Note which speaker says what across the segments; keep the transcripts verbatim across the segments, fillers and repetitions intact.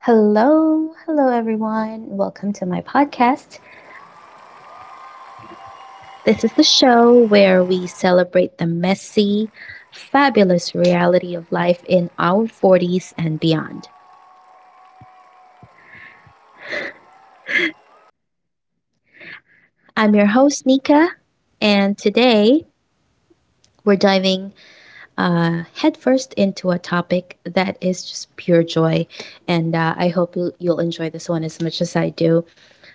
Speaker 1: Hello, hello everyone. Welcome to my podcast. This is the show where we celebrate the messy, fabulous reality of life in our forties and beyond. I'm your host, Nika, and today we're diving uh, headfirst into a topic that is just pure joy. And uh, I hope you'll, you'll enjoy this one as much as I do.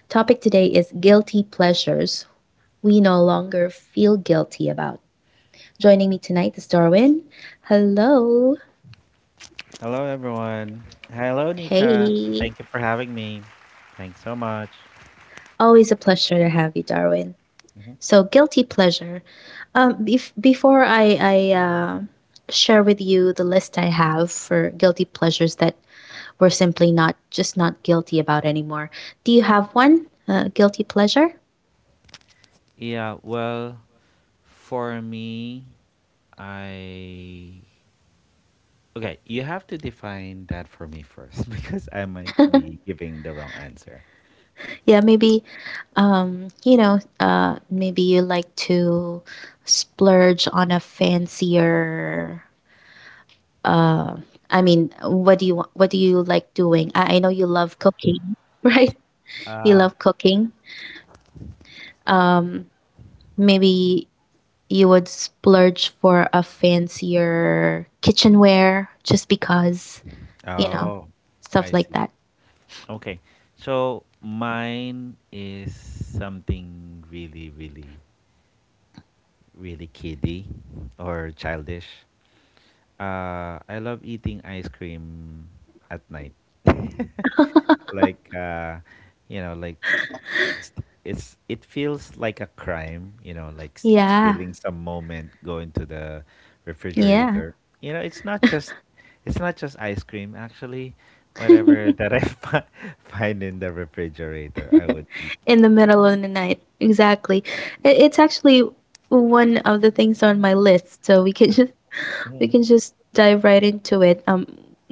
Speaker 1: Topic today is guilty pleasures we no longer feel guilty about. Joining me tonight is Darwin. Hello.
Speaker 2: Hello, everyone. Hello, Nika. Thank you
Speaker 1: Hey.
Speaker 2: for having me. Thanks so much.
Speaker 1: Always a pleasure to have you, Darwin.
Speaker 2: hmm
Speaker 1: So, guilty pleasure. Um, bef- before I, I uh, share with you the list I have for guilty pleasures that we're simply not just not guilty about anymore, do you have one? Uh, guilty pleasure?
Speaker 2: Yeah, well, for me, I. Okay, you have to define that for me first because I might be giving the wrong answer.
Speaker 1: Yeah, maybe um, you know, uh, maybe you like to splurge on a fancier uh I mean what do you wa- what do you like doing i, I know you love cooking right, you love
Speaker 2: Ah,
Speaker 1: cooking, um maybe you would splurge for a fancier kitchenware just because you know
Speaker 2: Oh,
Speaker 1: stuff
Speaker 2: I
Speaker 1: like
Speaker 2: see.
Speaker 1: that.
Speaker 2: Okay, so mine is something really, really, really kiddie or childish. Uh, I love eating ice cream at night. like uh you know like s- it's it feels like a crime, you know, like s-
Speaker 1: Yeah.
Speaker 2: stealing some moment, going to the
Speaker 1: Yeah.
Speaker 2: refrigerator. You know, it's not just it's not just ice cream actually, whatever that i fi- find in the refrigerator I would eat.
Speaker 1: In the middle of the night, exactly. It, it's actually one of the things on my list, so we can just we
Speaker 2: Mhm.
Speaker 1: can just dive right into it. um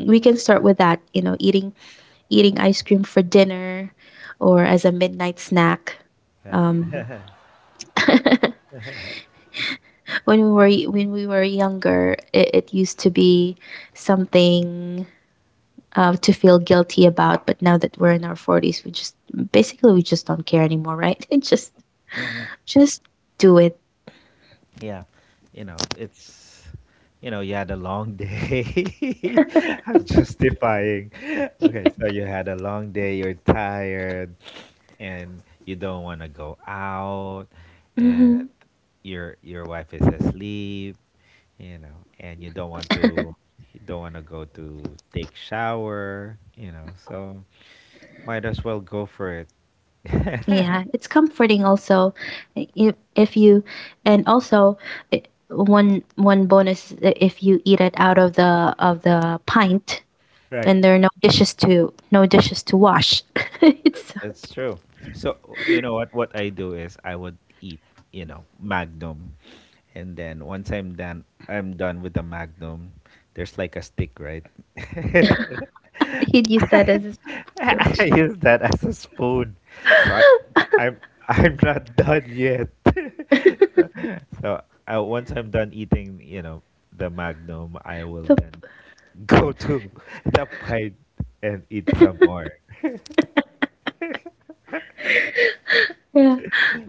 Speaker 1: We can start with that, you know, eating eating ice cream for dinner or as a midnight snack. Um,
Speaker 2: Right.
Speaker 1: when we were y- when we were younger, it, it used to be something uh, to feel guilty about. But now that we're in our forties, we just basically we just don't care anymore, right? And just just do it.
Speaker 2: Yeah, you know, it's you know, you had a long day. I'm justifying. Okay, so you had a long day, you're tired and you don't want to go out
Speaker 1: Hmm.
Speaker 2: and your your wife is asleep, you know, and you don't want to you don't want to go to take shower, you know. So might as well go for it.
Speaker 1: Yeah, it's comforting also. I- If if you, and also, i- one one bonus is that if you eat it out of the of the pint
Speaker 2: Right.
Speaker 1: and there are no dishes to no dishes to wash. It's
Speaker 2: That's true. So you know what? What I do is I would eat, you know, Magnum, and then once I'm done, I'm done with the Magnum. There's like a stick, right?
Speaker 1: he'd use that as his torch.
Speaker 2: I use that as a spoon. So I, I'm I'm not done yet. So uh, once I'm done eating, you know, the Magnum, I will
Speaker 1: So,
Speaker 2: then go to the pint and eat some more.
Speaker 1: yeah,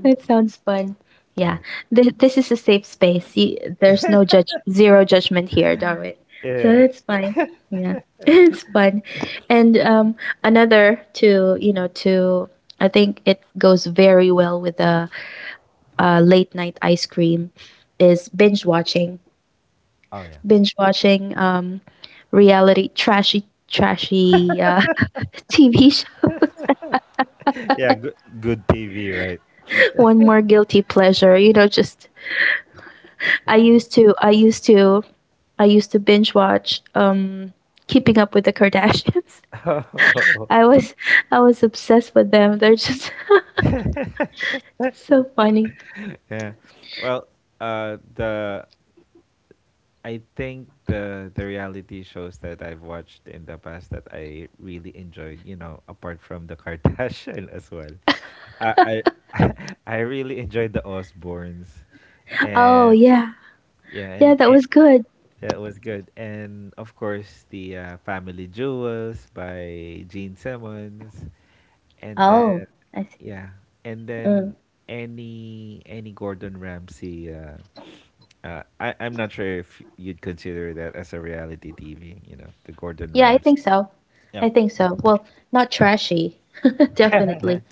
Speaker 1: it sounds fun. Yeah.
Speaker 2: Right.
Speaker 1: Th- this is a safe space. You, there's no judge, zero judgment here, Darwin. So
Speaker 2: Yeah.
Speaker 1: that's fine. Yeah, it's fun. And um, another to you know to I think it goes very well with a, a late night ice cream is binge watching.
Speaker 2: Oh yeah.
Speaker 1: Binge watching um reality trashy trashy uh T V show.
Speaker 2: Yeah, good good T V, right?
Speaker 1: One more guilty pleasure, you know, just I used to I used to I used to binge watch um Keeping Up with the Kardashians. I was I was obsessed with them. They're just so funny.
Speaker 2: Yeah. Well, uh the I think the the reality shows that I've watched in the past that I really enjoyed, you know, apart from the Kardashian as well. I I I really enjoyed the Osbournes.
Speaker 1: Oh
Speaker 2: And
Speaker 1: yeah.
Speaker 2: yeah,
Speaker 1: Yeah,
Speaker 2: and
Speaker 1: that
Speaker 2: it,
Speaker 1: was good.
Speaker 2: that was good. And of course, the uh, Family Jewels by Gene Simmons. And then
Speaker 1: Oh, I see.
Speaker 2: yeah, and
Speaker 1: Mm.
Speaker 2: then any any Gordon Ramsay uh, uh I I'm not sure if you'd consider that as a reality T V, you know, the Gordon
Speaker 1: Yeah, I
Speaker 2: Ramsay.
Speaker 1: think so.
Speaker 2: Yeah.
Speaker 1: I think so. Well, not trashy. Definitely.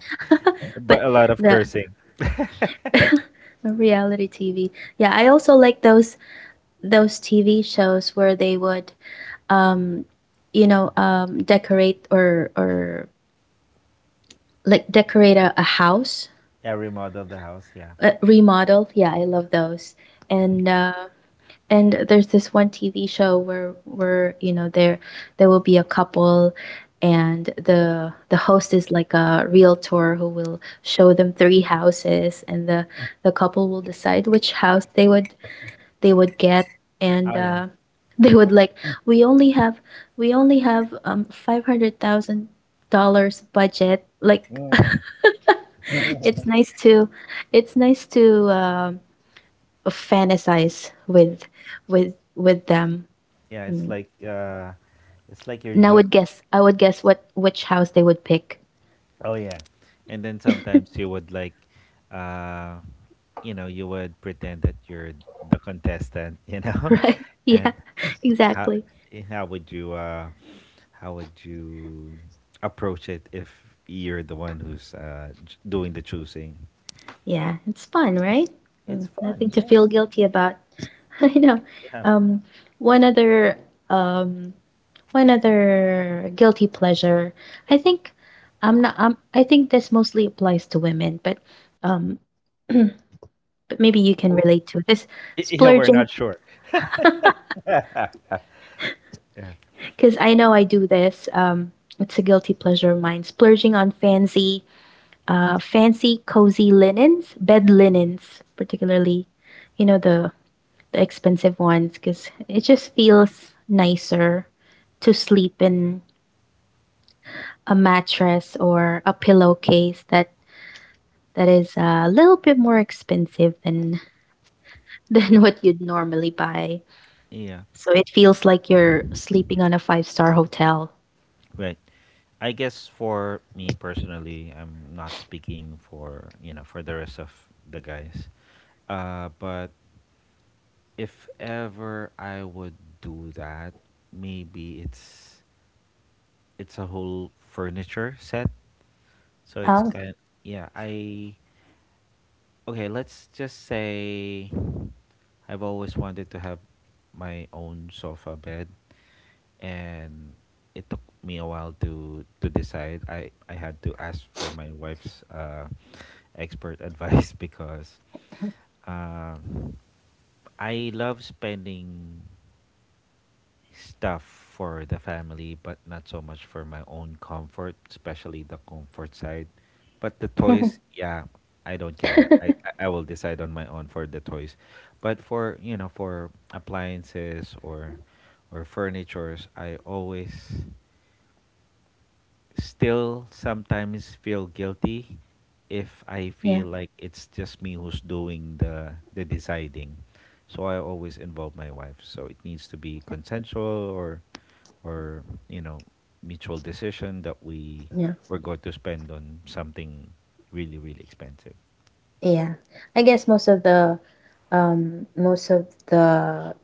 Speaker 2: But
Speaker 1: But
Speaker 2: a lot of
Speaker 1: the
Speaker 2: cursing.
Speaker 1: a reality T V. Yeah, I also like those those T V shows where they would um you know um decorate or or like decorate a, a house,
Speaker 2: Yeah, remodel the house, yeah.
Speaker 1: uh, remodel. Yeah, I love those.
Speaker 2: Mm.
Speaker 1: And uh and there's this one T V show where where you know there there will be a couple and the the host is like a realtor who will show them three houses and the the couple will decide which house they would they would get. And
Speaker 2: Oh yeah.
Speaker 1: uh, they would
Speaker 2: What?
Speaker 1: like, we only have we only have um five hundred thousand dollars budget like.
Speaker 2: Mm.
Speaker 1: it's nice to it's nice to um fantasize with with with them.
Speaker 2: Yeah, it's
Speaker 1: Mm.
Speaker 2: like uh it's like you're
Speaker 1: And i
Speaker 2: jo-
Speaker 1: would guess I would guess what which house they would pick.
Speaker 2: oh yeah. And then sometimes you would like uh you know, you would pretend that you're the contestant, you know?
Speaker 1: Right. Yeah.
Speaker 2: And how
Speaker 1: Exactly.
Speaker 2: eh, how would you uh how would you approach it if you're the one who's uh ch- doing the choosing?
Speaker 1: Yeah, it's fun, right?
Speaker 2: It's
Speaker 1: Mm,
Speaker 2: fun,
Speaker 1: nothing to feel
Speaker 2: yes.
Speaker 1: guilty about. I know.
Speaker 2: Yeah.
Speaker 1: Um, One other um, one other guilty pleasure. I think I'm not. Um, I think this mostly applies to women, but um, but maybe you can
Speaker 2: Well,
Speaker 1: relate to this,
Speaker 2: y- yeah, we're
Speaker 1: splurging,
Speaker 2: not sure.
Speaker 1: because I know I do this. Um, it's a guilty pleasure of mine. Splurging on fancy, uh, fancy cozy linens, bed linens, particularly. You know the the expensive ones because it just feels nicer to sleep in a mattress or a pillowcase that that is a little bit more expensive than than what you'd normally buy.
Speaker 2: Yeah.
Speaker 1: So it feels like you're sleeping on a five star hotel.
Speaker 2: Right. I guess for me personally, I'm not speaking for, you know, for the rest of the guys. Uh, but if ever I would do that, maybe it's it's a whole furniture set. So it's
Speaker 1: Oh,
Speaker 2: kind yeah, I okay, let's just say I've always wanted to have my own sofa bed and it took me a while to to decide. I I had to ask for my wife's uh, expert advice because um I love spending stuff for the family, but not so much for my own comfort, especially the comfort side. But the toys, yeah, I don't care. I, I I will decide on my own for the toys. But for, you know, for appliances or or furnitures, I always still sometimes feel guilty if I
Speaker 1: yeah,
Speaker 2: feel like it's just me who's doing the the deciding. So I always involve my wife. So it needs to be consensual or or you know mutual decision that we
Speaker 1: yeah,
Speaker 2: we're going to spend on something really really expensive.
Speaker 1: yeah. I guess most of the um most of the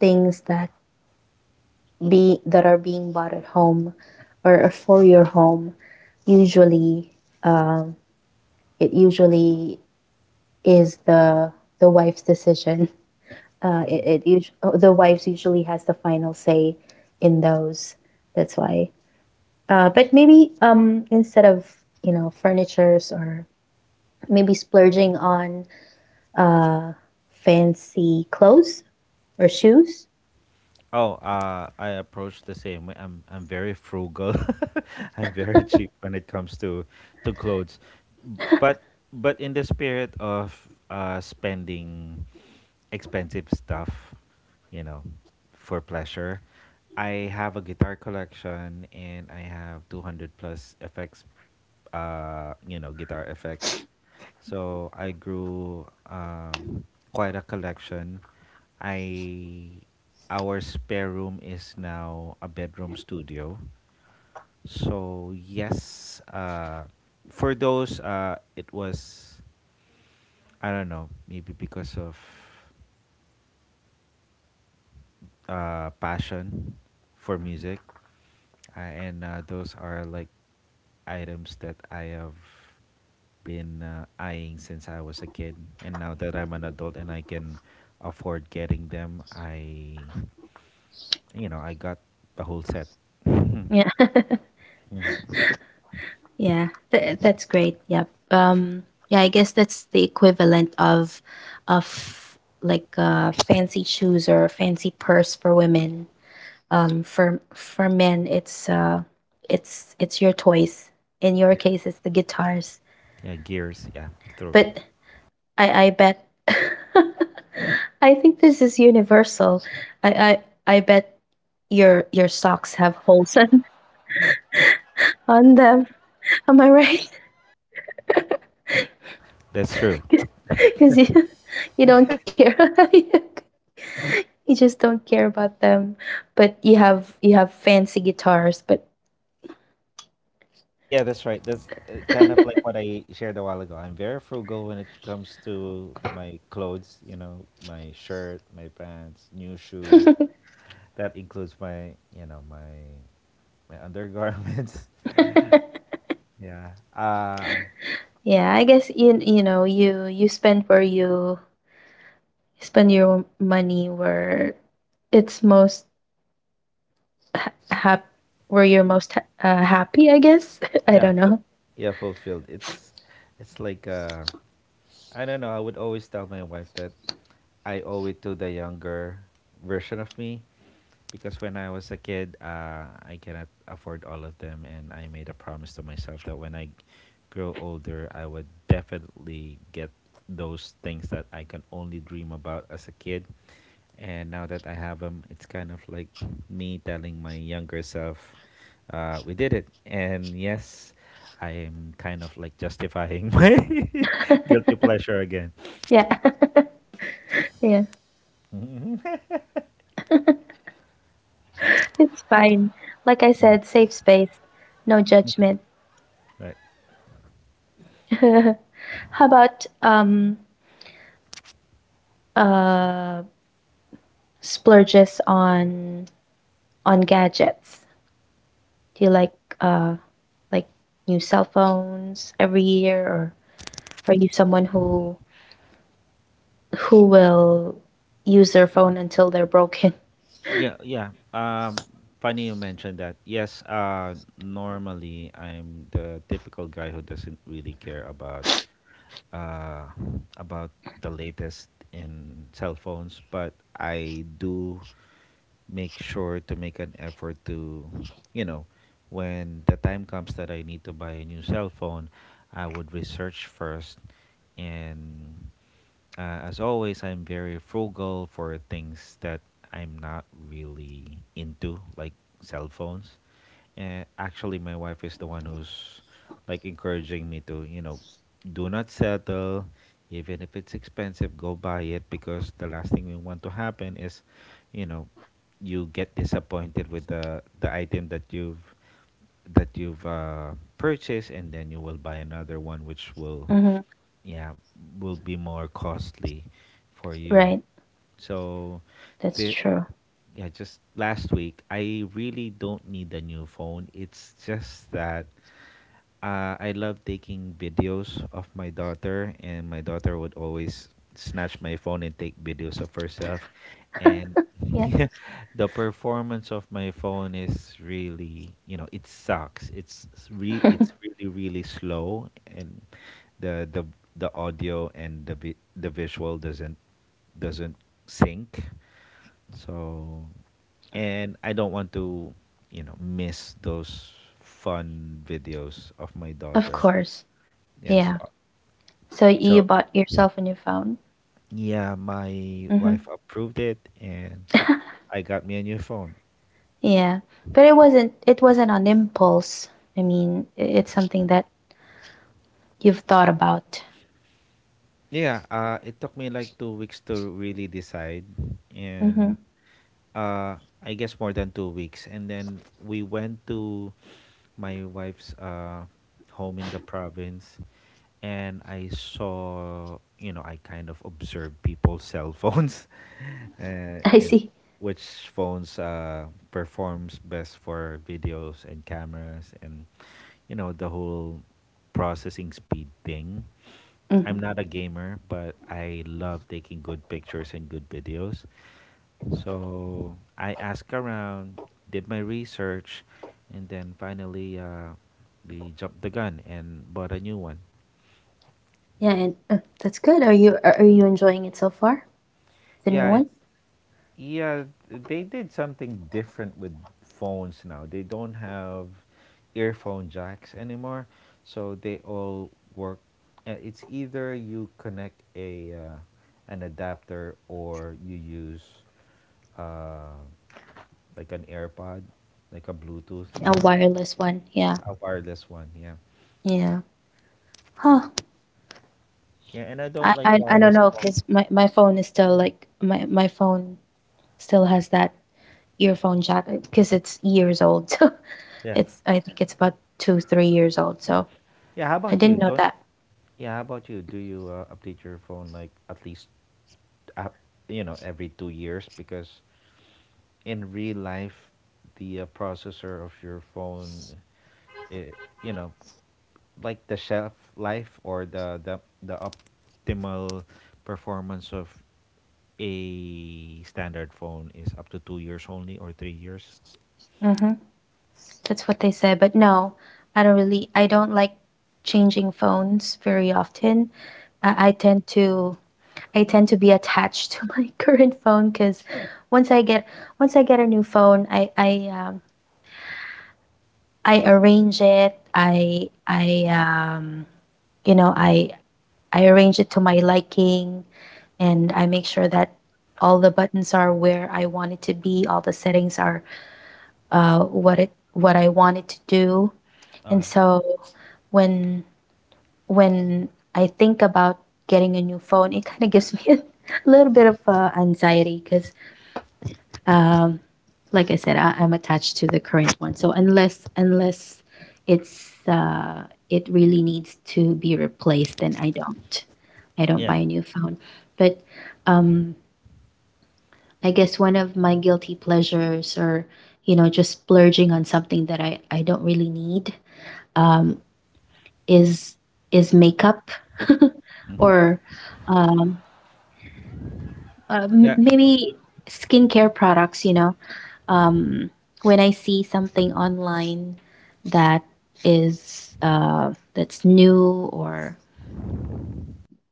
Speaker 1: things that be that are being bought at home or for your home usually um, it usually is the the wife's decision. Uh,
Speaker 2: Mm.
Speaker 1: it, it usu- oh, the wives usually has the final say in those. That's why, uh, but maybe um, instead of you know furnitures, or maybe splurging on uh, fancy clothes or shoes.
Speaker 2: Oh, uh, I approach the same way. I'm I'm very frugal. I'm very cheap when it comes to to clothes, but but in the spirit of uh, spending expensive stuff, you know, for pleasure, I have a guitar collection and I have two hundred plus effects, uh, you know, guitar effects. So I grew um, quite a collection. I Our spare room is now a bedroom studio. So yes, uh, for those uh, it was I don't know maybe because of uh, passion for music, uh, and uh, those are like items that I have been uh, eyeing since I was a kid. And now that I'm an adult and I can afford getting them, I, you know, I got the whole set.
Speaker 1: Yeah.
Speaker 2: Mhm.
Speaker 1: Yeah, th- that's great. Yep. Um, yeah, I guess that's the equivalent of of like uh, fancy shoes or a fancy purse for women. Um, for for men, it's uh, it's it's your toys. In your
Speaker 2: Yeah,
Speaker 1: case, it's the guitars.
Speaker 2: yeah, gears. Yeah, it's true.
Speaker 1: But I I bet I think this is universal. I I I bet your your socks have holes on, on them. Am I right?
Speaker 2: That's true.
Speaker 1: Because you you don't care. You just don't care about them, but you have you have fancy guitars. But
Speaker 2: Yeah, that's right. That's uh, kind of like what I shared a while ago. I'm very frugal when it comes to my clothes, you know, my shirt, my pants, new shoes. That includes my, you know, my my undergarments. Yeah. Uh
Speaker 1: yeah, I guess you you know you you spend where you spend your money where it's most hap where you're most ha- uh, happy. I guess. I
Speaker 2: yeah,
Speaker 1: don't
Speaker 2: fu-
Speaker 1: know.
Speaker 2: yeah, fulfilled. It's it's like uh I don't know, I would always tell my wife that I owe it to the younger version of me because when I was a kid, uh, I cannot afford all of them, and I made a promise to myself that when I grow older, I would definitely get those things that I can only dream about as a kid. And now that I have them, it's kind of like me telling my younger self, uh, "We did it." And yes, I am kind of like justifying my guilty pleasure again.
Speaker 1: Yeah. Yeah. It's fine. Like I said,
Speaker 2: Mm.
Speaker 1: safe space, no judgment.
Speaker 2: Right.
Speaker 1: How about um uh splurges on on gadgets? Do you like uh like new cell phones every year, or are you someone who who will use their phone until they're broken?
Speaker 2: Yeah, yeah. Um, funny you mentioned that. Yes, uh, normally I'm the typical guy who doesn't really care about uh, about the latest in cell phones, but I do make sure to make an effort to, you know, when the time comes that I need to buy a new cell phone, I would research first and uh, as always, I'm very frugal for things that I'm not really into, like cell phones. Uh, actually, my wife is the one who's like encouraging me to, you know, do not settle, even if it's expensive, go buy it because the last thing we want to happen is, you know, you get disappointed with the the item that you've that you've uh, purchased, and then you will buy another one, which will
Speaker 1: Hmm.
Speaker 2: yeah will be more costly for you
Speaker 1: Right.
Speaker 2: so
Speaker 1: That's
Speaker 2: the
Speaker 1: true.
Speaker 2: yeah just last week I really don't need a new phone, it's just that uh, I love taking videos of my daughter, and my daughter would always snatch my phone and take videos of herself. And
Speaker 1: Yeah.
Speaker 2: the performance of my phone is really, you know, it sucks. It's re- it's really really slow, and the the the audio and the vi- the visual doesn't doesn't sync. So, and I don't want to, you know, miss those fun videos of my
Speaker 1: Of
Speaker 2: daughter.
Speaker 1: course.
Speaker 2: Yeah, so,
Speaker 1: Yeah. So you
Speaker 2: so
Speaker 1: bought yourself a new phone?
Speaker 2: yeah, my wife
Speaker 1: Hmm.
Speaker 2: approved it and I got me a new phone.
Speaker 1: Yeah. But it wasn't it wasn't on impulse. I mean, i- it's something that you've thought about.
Speaker 2: Yeah, uh, it took me like two weeks to really decide,
Speaker 1: Hmm.
Speaker 2: and uh, I guess more than two weeks. And then we went to my wife's uh, home in the province, and I saw, you know, I kind of observed people's cell phones, uh,
Speaker 1: I
Speaker 2: you know,
Speaker 1: see.
Speaker 2: which phones uh, performs best for videos and cameras and, you know, the whole processing speed thing.
Speaker 1: Hmm.
Speaker 2: I'm not a gamer, but I love taking good pictures and good videos. So I asked around, did my research, and then finally uh, we jumped the gun and bought a new one.
Speaker 1: Yeah, and uh, that's good. Are you are are you enjoying it so far? The new
Speaker 2: Yeah,
Speaker 1: one?
Speaker 2: it's Yeah, they did something different with phones now. They don't have earphone jacks anymore, so they all work. Uh, it's either you connect a uh, an adapter or you use uh, like an AirPod, like a Bluetooth
Speaker 1: A
Speaker 2: earphone,
Speaker 1: wireless one. Yeah.
Speaker 2: a wireless one. Yeah,
Speaker 1: Yeah. Huh.
Speaker 2: yeah. And I don't
Speaker 1: I
Speaker 2: like
Speaker 1: I, I don't
Speaker 2: wireless
Speaker 1: know
Speaker 2: phones.
Speaker 1: because my, my phone is still like my, my phone still has that earphone jack because it's years old. So
Speaker 2: Yeah,
Speaker 1: it's I think it's about two three years old. So
Speaker 2: yeah. How
Speaker 1: I
Speaker 2: about you?
Speaker 1: didn't know
Speaker 2: Don't.
Speaker 1: that.
Speaker 2: Yeah, how about you? Do you uh, update your phone like at least, uh, you know, every two years? Because in real life, the uh, processor of your phone, it you know, like the shelf life or the, the the optimal performance of a standard phone is up to two years only or three years.
Speaker 1: Mm-hmm. That's what they said. But no, I don't really. I don't like changing phones very often. I, I tend to I tend to be attached to my current phone because once I get once I get a new phone, I I um, I arrange it. I I um you know I I arrange it to my liking and I make sure that all the buttons are where I want it to be, all the settings are uh what it what I want it to do. And
Speaker 2: Okay.
Speaker 1: so when when I think about getting a new phone, it kind of gives me a little bit of uh, anxiety because um, like I said, I, I'm attached to the current one. So unless unless it's uh, it really needs to be replaced, then I don't. I don't
Speaker 2: Yeah,
Speaker 1: buy a new phone. But um, I guess one of my guilty pleasures, or you know, just splurging on something that I I don't really need, um, is is makeup, or um, Uh, m-
Speaker 2: yeah,
Speaker 1: maybe skincare products, you know. Um, when I see something online that is uh, that's new, or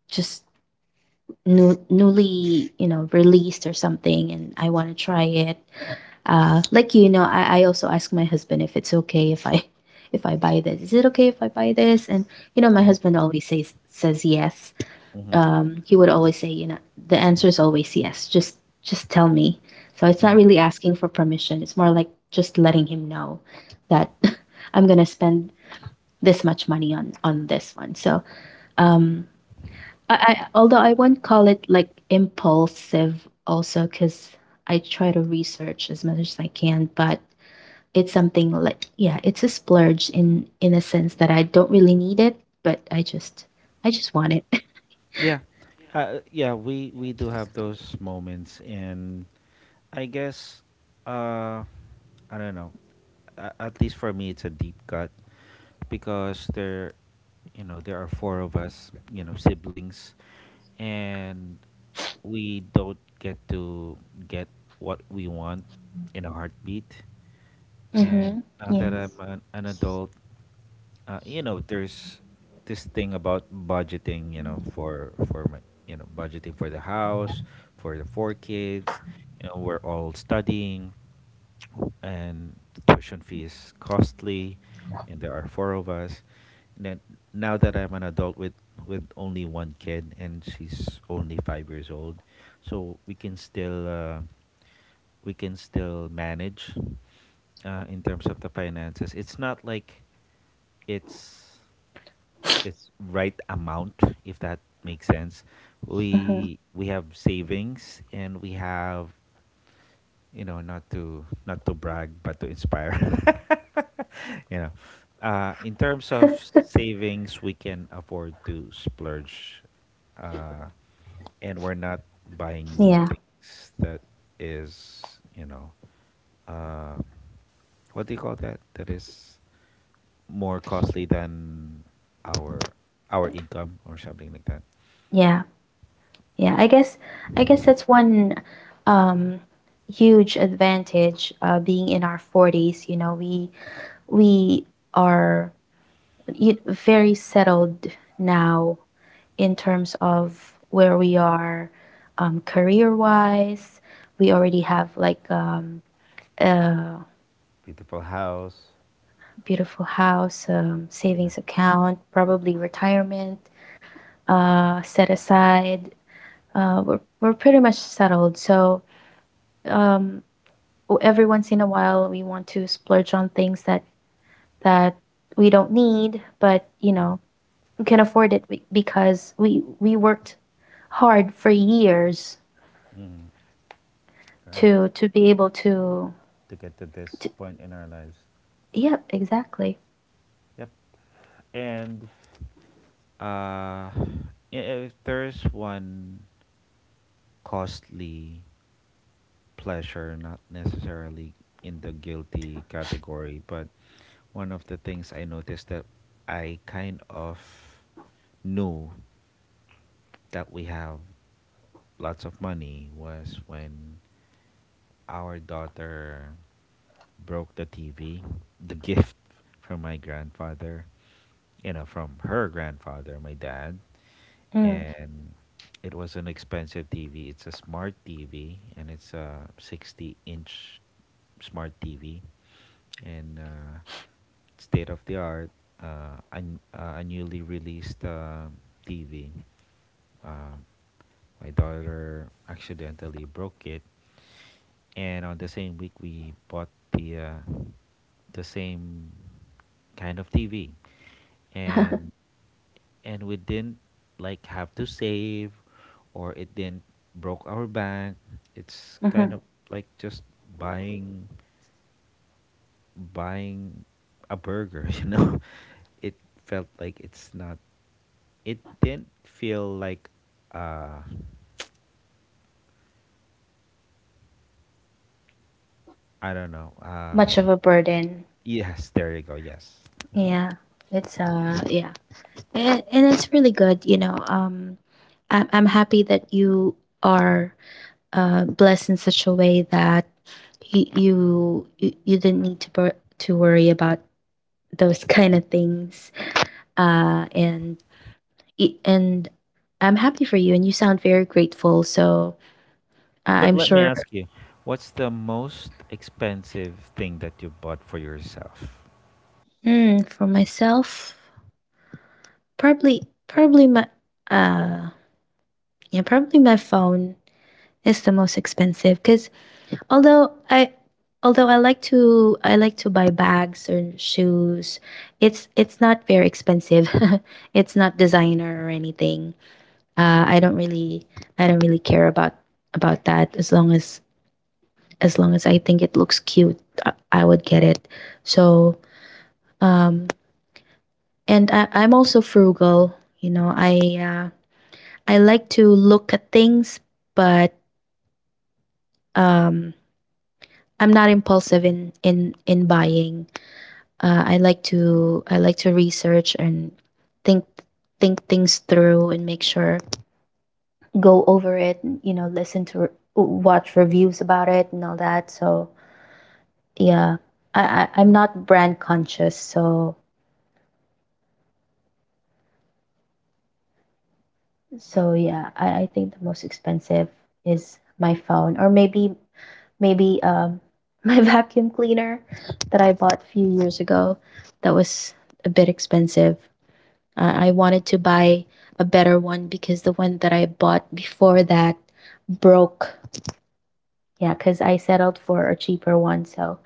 Speaker 1: just new, newly, you know, released or something, and I want to try it. Uh, like you know, I, I also ask my husband if it's okay if I if I buy this. Is it okay if I buy this? And you know, my husband always says says yes.
Speaker 2: hmm
Speaker 1: Um, he would always say, you know, the answer is always yes. Just just tell me. So it's not
Speaker 2: hmm
Speaker 1: really asking for permission. It's more like just letting him know that I'm gonna spend this much money on on this one. So um, I, I although I won't call it like impulsive also, because I try to research as much as I can, but it's something like, yeah, it's a splurge in in a sense that I don't really need it, but I just I just want it.
Speaker 2: yeah, uh, yeah. We we do have those moments, and I guess uh, I don't know. a- At least for me, it's a deep cut because there you know there are four of us, you know, siblings, and we don't get to get what we want in a heartbeat. And
Speaker 1: Mm-hmm.
Speaker 2: now that I'm
Speaker 1: Yes.
Speaker 2: an, an adult, uh, you know there's this thing about budgeting, you know, for for my, you know, budgeting for the house, for the four kids, you know we're all studying, and tuition fee is costly, and there are four of us. now, Now that I'm an adult with with only one kid, and she's only five years old, so we can still uh, we can still manage. Uh, in terms of the finances, it's not like it's it's right amount, if that makes sense.
Speaker 1: Mm-hmm.
Speaker 2: We we have savings and we have, you know, not to not to brag but to inspire. You know, uh, in terms of savings, we can afford to splurge, uh, and we're not buying
Speaker 1: Yeah,
Speaker 2: things that is, you know, uh, what do you call that, that is more costly than our our income or something like that.
Speaker 1: yeah, yeah. I guess I guess that's one um huge advantage uh being in our forties, you know, we we are y- very settled now in terms of where we are um career-wise. We already have like um a
Speaker 2: Beautiful house.
Speaker 1: beautiful house, um
Speaker 2: And
Speaker 1: savings
Speaker 2: that,
Speaker 1: account, probably retirement uh set aside. Uh, we're we're pretty much settled. So um o- every once in a while we want to splurge on things that that we don't need, but you
Speaker 2: right.
Speaker 1: know we can afford it be- because we we worked hard for years
Speaker 2: Mm, right.
Speaker 1: to to be able to,
Speaker 2: To get to this
Speaker 1: to
Speaker 2: point in our lives.
Speaker 1: yep exactly.
Speaker 2: Yep. And Uh, yeah, if there's one costly pleasure, not necessarily in the guilty category, but one of the things I noticed that I kind of knew that we have lots of money was when our daughter broke the T V, the gift from my grandfather, you know, from her grandfather, my dad.
Speaker 1: Mm.
Speaker 2: And it was an expensive T V. It's a smart T V, and it's a sixty inch smart T V, and uh, state of the art, uh, un- uh, a newly released uh, T V. Um my daughter accidentally broke it, and on the same week we bought the uh, the same kind of T V, and and we didn't like have to save, or it didn't broke our bank. It's kind
Speaker 1: Hmm.
Speaker 2: of like just buying buying a burger, you know. It felt like it's not. It didn't feel like uh, I don't know. Uh,
Speaker 1: Much of a burden.
Speaker 2: yes, there you go. Yes.
Speaker 1: Yeah, it's uh yeah, and, and it's really good you know um I'm, I'm happy that you are uh, blessed in such a way that you you, you you didn't need to bur- to worry about those kind of things. Uh, and it- and I'm happy for you, and you sound very grateful. So
Speaker 2: Yeah,
Speaker 1: I-
Speaker 2: but
Speaker 1: I'm
Speaker 2: let me
Speaker 1: sure.
Speaker 2: ask you, what's the most expensive thing that you bought for yourself?
Speaker 1: Mm, for myself, probably probably my uh yeah, probably my phone is the most expensive. Because Although I although I like to I like to buy bags or shoes. It's it's not very expensive. It's not designer or anything. Uh, I don't really I don't really care about about that. As long as as long as I think it looks cute, I, I would get it. So um and I, I'm also frugal. You know, I uh, I like to look at things, but um I'm not impulsive in in in buying. Uh, I like to I like to research and think think things through and make sure, go over it. You know, listen to watch reviews about it and all that. So yeah, I, I I'm not brand conscious. So so yeah, I, I think the most expensive is my phone, or maybe maybe um my vacuum cleaner that I bought a few years ago. That was a bit expensive. Uh, I wanted to buy a better one because the one that I bought before that broke. Yeah, because I settled for a cheaper one. So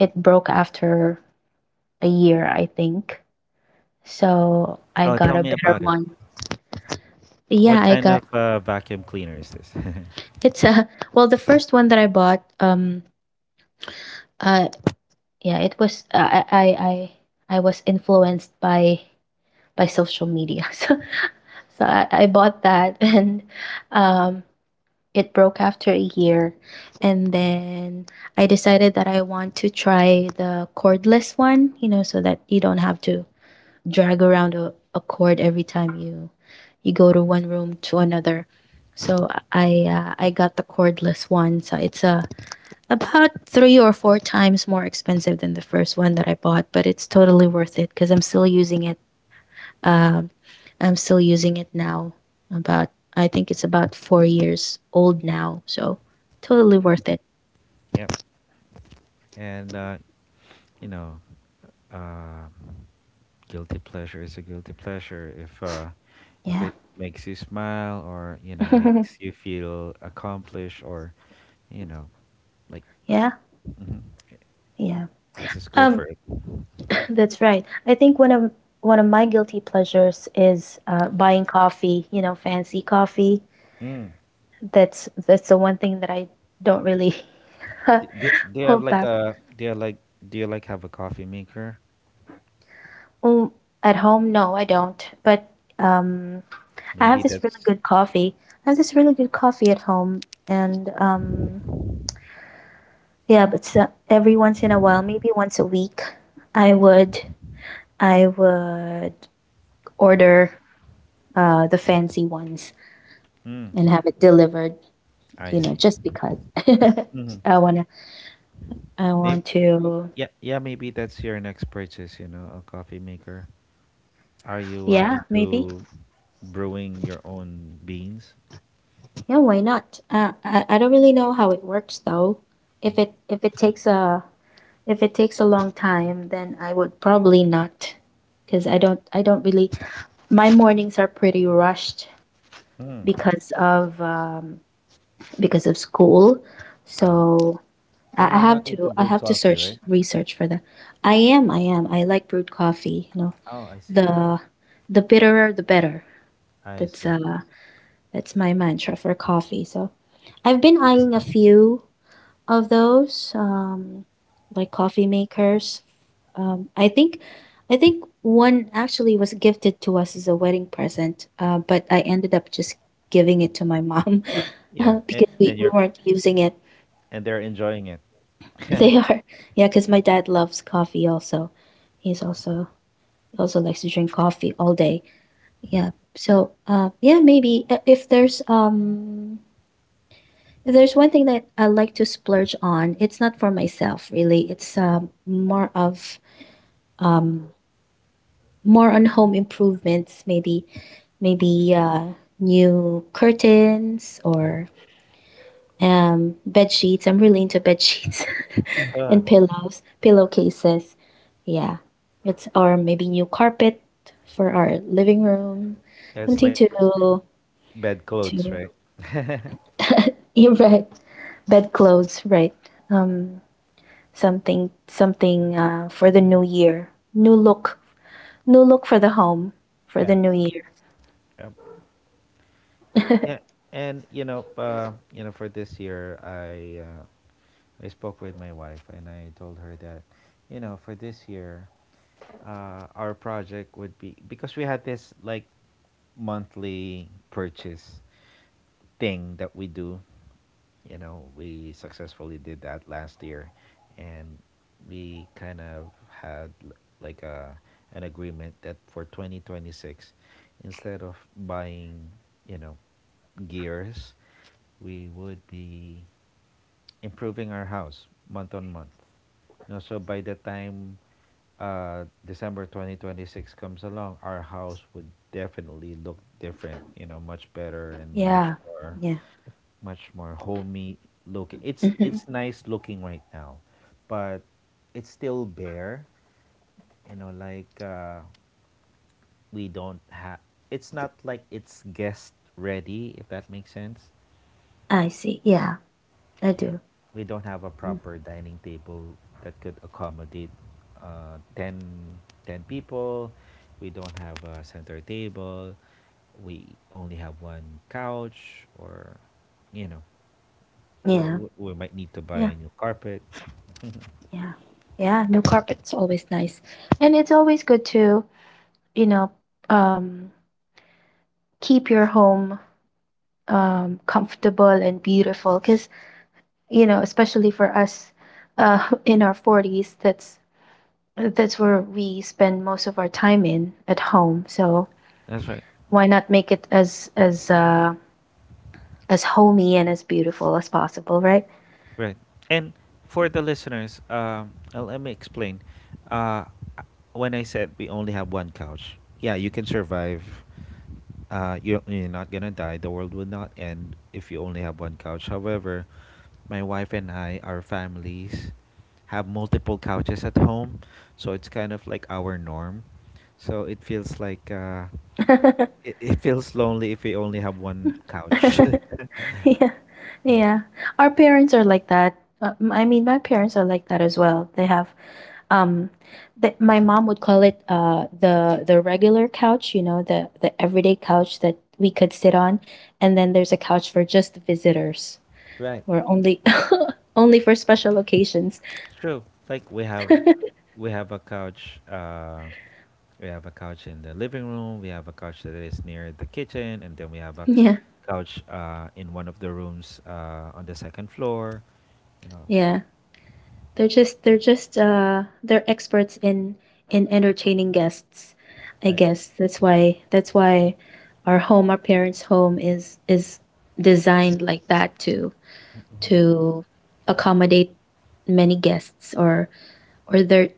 Speaker 1: it broke after a year, I think. So I
Speaker 2: Oh,
Speaker 1: got
Speaker 2: tell
Speaker 1: a
Speaker 2: me
Speaker 1: better
Speaker 2: about it.
Speaker 1: one. Yeah,
Speaker 2: What
Speaker 1: I
Speaker 2: kind
Speaker 1: got
Speaker 2: of uh, vacuum cleaner is this?
Speaker 1: it's a well, the first one that I bought, um, uh, yeah, it was uh, I, I I I was influenced by by social media. So so I, I bought that and um it broke after a year, and then I decided that I want to try the cordless one, you know, so that you don't have to drag around a, a cord every time you you go to one room to another. So I uh, I got the cordless one. So it's uh, about three or four times more expensive than the first one that I bought, but it's totally worth it because I'm still using it, um, I'm still using it now. About, I think it's about four years old now, so totally worth it.
Speaker 2: Yep. And, uh, you know, uh, guilty pleasure is a guilty pleasure. If, uh, if
Speaker 1: Yeah,
Speaker 2: it makes you smile, or, you know, makes you feel accomplished, or, you know, like,
Speaker 1: yeah,
Speaker 2: mhm, it-
Speaker 1: yeah.
Speaker 2: just go for
Speaker 1: Um,
Speaker 2: it.
Speaker 1: that's right. I think one of one of my guilty pleasures is uh, buying coffee. You know, fancy coffee.
Speaker 2: Mm.
Speaker 1: That's that's the one thing that I don't really
Speaker 2: Do, do, do you have
Speaker 1: hold
Speaker 2: like
Speaker 1: back.
Speaker 2: a do you like do you like have a coffee maker?
Speaker 1: Um, at home, no, I don't. But um, I have
Speaker 2: Maybe
Speaker 1: this really
Speaker 2: that's
Speaker 1: good coffee. I have this really good coffee at home, and um, yeah. But so every once in a while, maybe once a week, I would I would order uh, the fancy ones
Speaker 2: mm,
Speaker 1: and have it delivered.
Speaker 2: I
Speaker 1: You know,
Speaker 2: see.
Speaker 1: just because
Speaker 2: Mm-hmm.
Speaker 1: I wanna, I
Speaker 2: Maybe
Speaker 1: want to.
Speaker 2: yeah, yeah maybe that's your next purchase. You know, a coffee maker. Are you uh,
Speaker 1: Yeah, maybe.
Speaker 2: into brewing your own beans?
Speaker 1: Yeah, why not? Uh, I I don't really know how it works though. If it
Speaker 2: Mm-hmm.
Speaker 1: if it takes a if it takes a long time, then I would probably not, because I don't I don't really. My mornings are pretty rushed
Speaker 2: Mm,
Speaker 1: because of um, because of school,
Speaker 2: yeah,
Speaker 1: so I
Speaker 2: and
Speaker 1: I
Speaker 2: you're
Speaker 1: have
Speaker 2: not into
Speaker 1: to I
Speaker 2: brewed
Speaker 1: have to
Speaker 2: coffee,
Speaker 1: search,
Speaker 2: right?
Speaker 1: research for that. I am I am, I like brewed coffee. You know,
Speaker 2: Oh, I see.
Speaker 1: the the bitterer the better.
Speaker 2: I
Speaker 1: That's
Speaker 2: see.
Speaker 1: uh that's my mantra for coffee. So I've been eyeing a few of those um like coffee makers. um i think I think one actually was gifted to us as a wedding present, uh, but I ended up just giving it to my mom.
Speaker 2: Yeah,
Speaker 1: uh,
Speaker 2: and
Speaker 1: because
Speaker 2: and
Speaker 1: we, we
Speaker 2: you're
Speaker 1: weren't using it.
Speaker 2: and they're enjoying it.
Speaker 1: They are yeah, because my dad loves coffee also. He's also he also likes to drink coffee all day. Yeah. So uh, yeah, maybe uh, if there's um If there's one thing that I like to splurge on, it's not for myself really. It's um, more of um, more on home improvements, maybe maybe uh, new curtains
Speaker 2: Mhm.
Speaker 1: or um, bed sheets. I'm really into bed sheets
Speaker 2: Huh.
Speaker 1: and pillows, pillowcases. Yeah, it's or maybe new carpet for our living room,
Speaker 2: It's
Speaker 1: something
Speaker 2: like b-
Speaker 1: to
Speaker 2: bed clothes, right?
Speaker 1: to you're right. Bed clothes, right? Um, something something uh, for the new year. New look, new look for the home for the
Speaker 2: Yeah.
Speaker 1: new year.
Speaker 2: Yep. Yeah, and you know, uh, you know, for this year, I uh, I spoke with my wife and I told her that, you know, for this year, uh, our project would be, because we had this like monthly purchase thing that we do. You know, we successfully did that last year, and we kind of had l- like a an agreement that for twenty twenty-six, instead of buying, you know, gears, we would be improving our house month on month. You know, so by the time uh, December twenty twenty-six comes along, our house would definitely look different, you know, much better and much
Speaker 1: Yeah,
Speaker 2: more
Speaker 1: yeah.
Speaker 2: much more homey looking. It's it's
Speaker 1: Hmm.
Speaker 2: nice looking right now, but it's still bare. You know, like uh, we don't have. It's not like it's guest ready, if that makes sense.
Speaker 1: I see. Yeah, I
Speaker 2: Yeah,
Speaker 1: do.
Speaker 2: we don't have a
Speaker 1: Mm.
Speaker 2: proper dining table that could accommodate uh, ten, ten people. We don't have a center table. We only have one couch, or you know, w-
Speaker 1: Yeah,
Speaker 2: w- we might need to buy
Speaker 1: yeah,
Speaker 2: a new carpet.
Speaker 1: yeah, yeah. New carpet's always nice, and it's always good to, you know, um, keep your home um, comfortable and beautiful. Because, you know, especially for us, uh, in our forties, that's that's where we spend most of our time in at home. So
Speaker 2: That's right.
Speaker 1: why not make it as as uh, as homey and as beautiful as possible, right?
Speaker 2: Right. And for the listeners, um, uh, let me explain. Uh, I- when I said we only have one couch, yeah, you can survive. Uh, you're, you're not gonna die. The world will not end if you only have one couch. However, my wife and I, our families, have multiple couches at home, so it's kind of like our norm. So it feels like uh, it, it feels lonely if we only have one couch.
Speaker 1: Yeah, yeah. Our parents are like that. Uh, m- I mean, my parents are like that as well. They have um the, my mom would call it uh the the regular couch, you know, the the everyday couch that we could sit on. And then there's a couch for just visitors,
Speaker 2: Right.
Speaker 1: or only only for special occasions.
Speaker 2: True. Like we have we have a couch. Uh, we have a couch in the living room. We have a couch that is near the kitchen, and then we have a
Speaker 1: Yeah,
Speaker 2: couch uh, in one of the rooms uh, on the second floor. You know,
Speaker 1: yeah. They're just they're just uh they're experts in in entertaining guests. I
Speaker 2: right?
Speaker 1: guess that's why that's why our home, our parents' home is is designed like that to
Speaker 2: Mm-hmm.
Speaker 1: to accommodate many guests, or or their,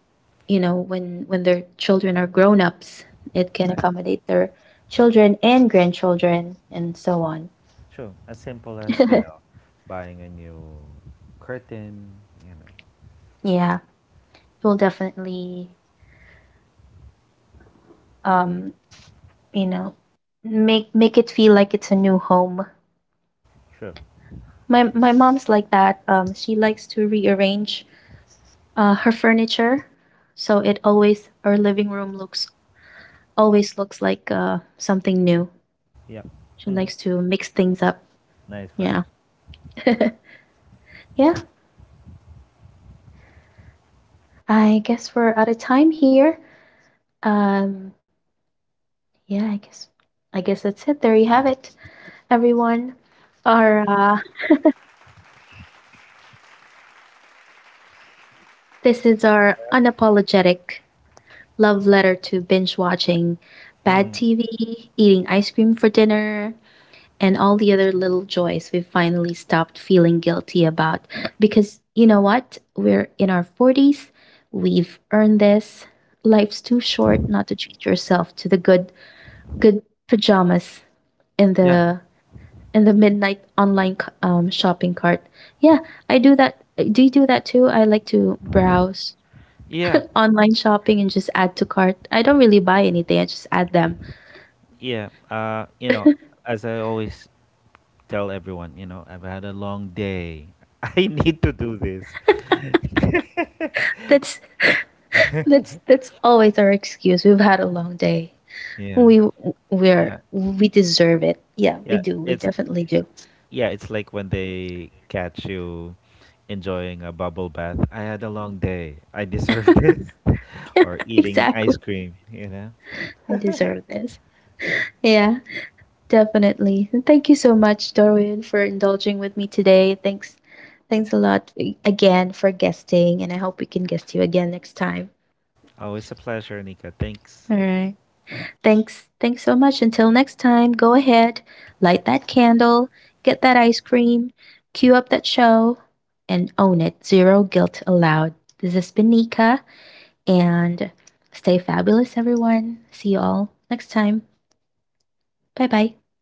Speaker 1: you know, when when their children are grown-ups, it can
Speaker 2: Right.
Speaker 1: accommodate their children and grandchildren and so on.
Speaker 2: Sure. As simple as, you know, buying a new curtain. You know.
Speaker 1: Yeah, we'll definitely um you know, make make it feel like it's a new home.
Speaker 2: Sure.
Speaker 1: My my mom's like that. Um she likes to rearrange uh her furniture, so it always our living room looks always looks like uh something new.
Speaker 2: Yeah.
Speaker 1: She
Speaker 2: Mhm.
Speaker 1: likes to mix things up.
Speaker 2: Nice
Speaker 1: Yeah.
Speaker 2: vibes.
Speaker 1: Yeah. I guess we're out of time here. um yeah, i guess i guess that's it. There you have it, everyone. Our uh this is our unapologetic love letter to binge watching bad
Speaker 2: Mhm.
Speaker 1: T V, eating ice cream for dinner, and all the other little joys we've finally stopped feeling guilty about. Because you know what? We're in our forties, we've earned this. Life's too short not to treat yourself to the good good pajamas in
Speaker 2: Yeah,
Speaker 1: the in the midnight online c- um, shopping cart. Yeah, I do that. Do you do that too? I like to browse
Speaker 2: yeah,
Speaker 1: online shopping and just add to cart. I don't really buy anything, I just add them.
Speaker 2: yeah. Uh, you know, as I always tell everyone, you know, I've had a long day. I need to do this.
Speaker 1: That's that's that's always our excuse. We've had a long day.
Speaker 2: Yeah.
Speaker 1: We
Speaker 2: Yeah.
Speaker 1: we're we deserve it. Yeah, we
Speaker 2: Yeah.
Speaker 1: do. We
Speaker 2: It's
Speaker 1: definitely do.
Speaker 2: yeah, it's like when they catch you enjoying a bubble bath. I had a long day. I deserve this. Or eating
Speaker 1: Exactly.
Speaker 2: ice cream, you know.
Speaker 1: I deserve this. Yeah, definitely. And thank you so much, Darwin, for indulging with me today. Thanks, thanks a lot again for guesting, and I hope we can guest you again next time.
Speaker 2: Always a pleasure, Nika. Thanks.
Speaker 1: All right. Thanks. Thanks so much. Until next time, go ahead, light that candle, get that ice cream, queue up that show, and own it. Zero guilt allowed. This has been Nika, and stay fabulous, everyone. See you all next time. Bye bye.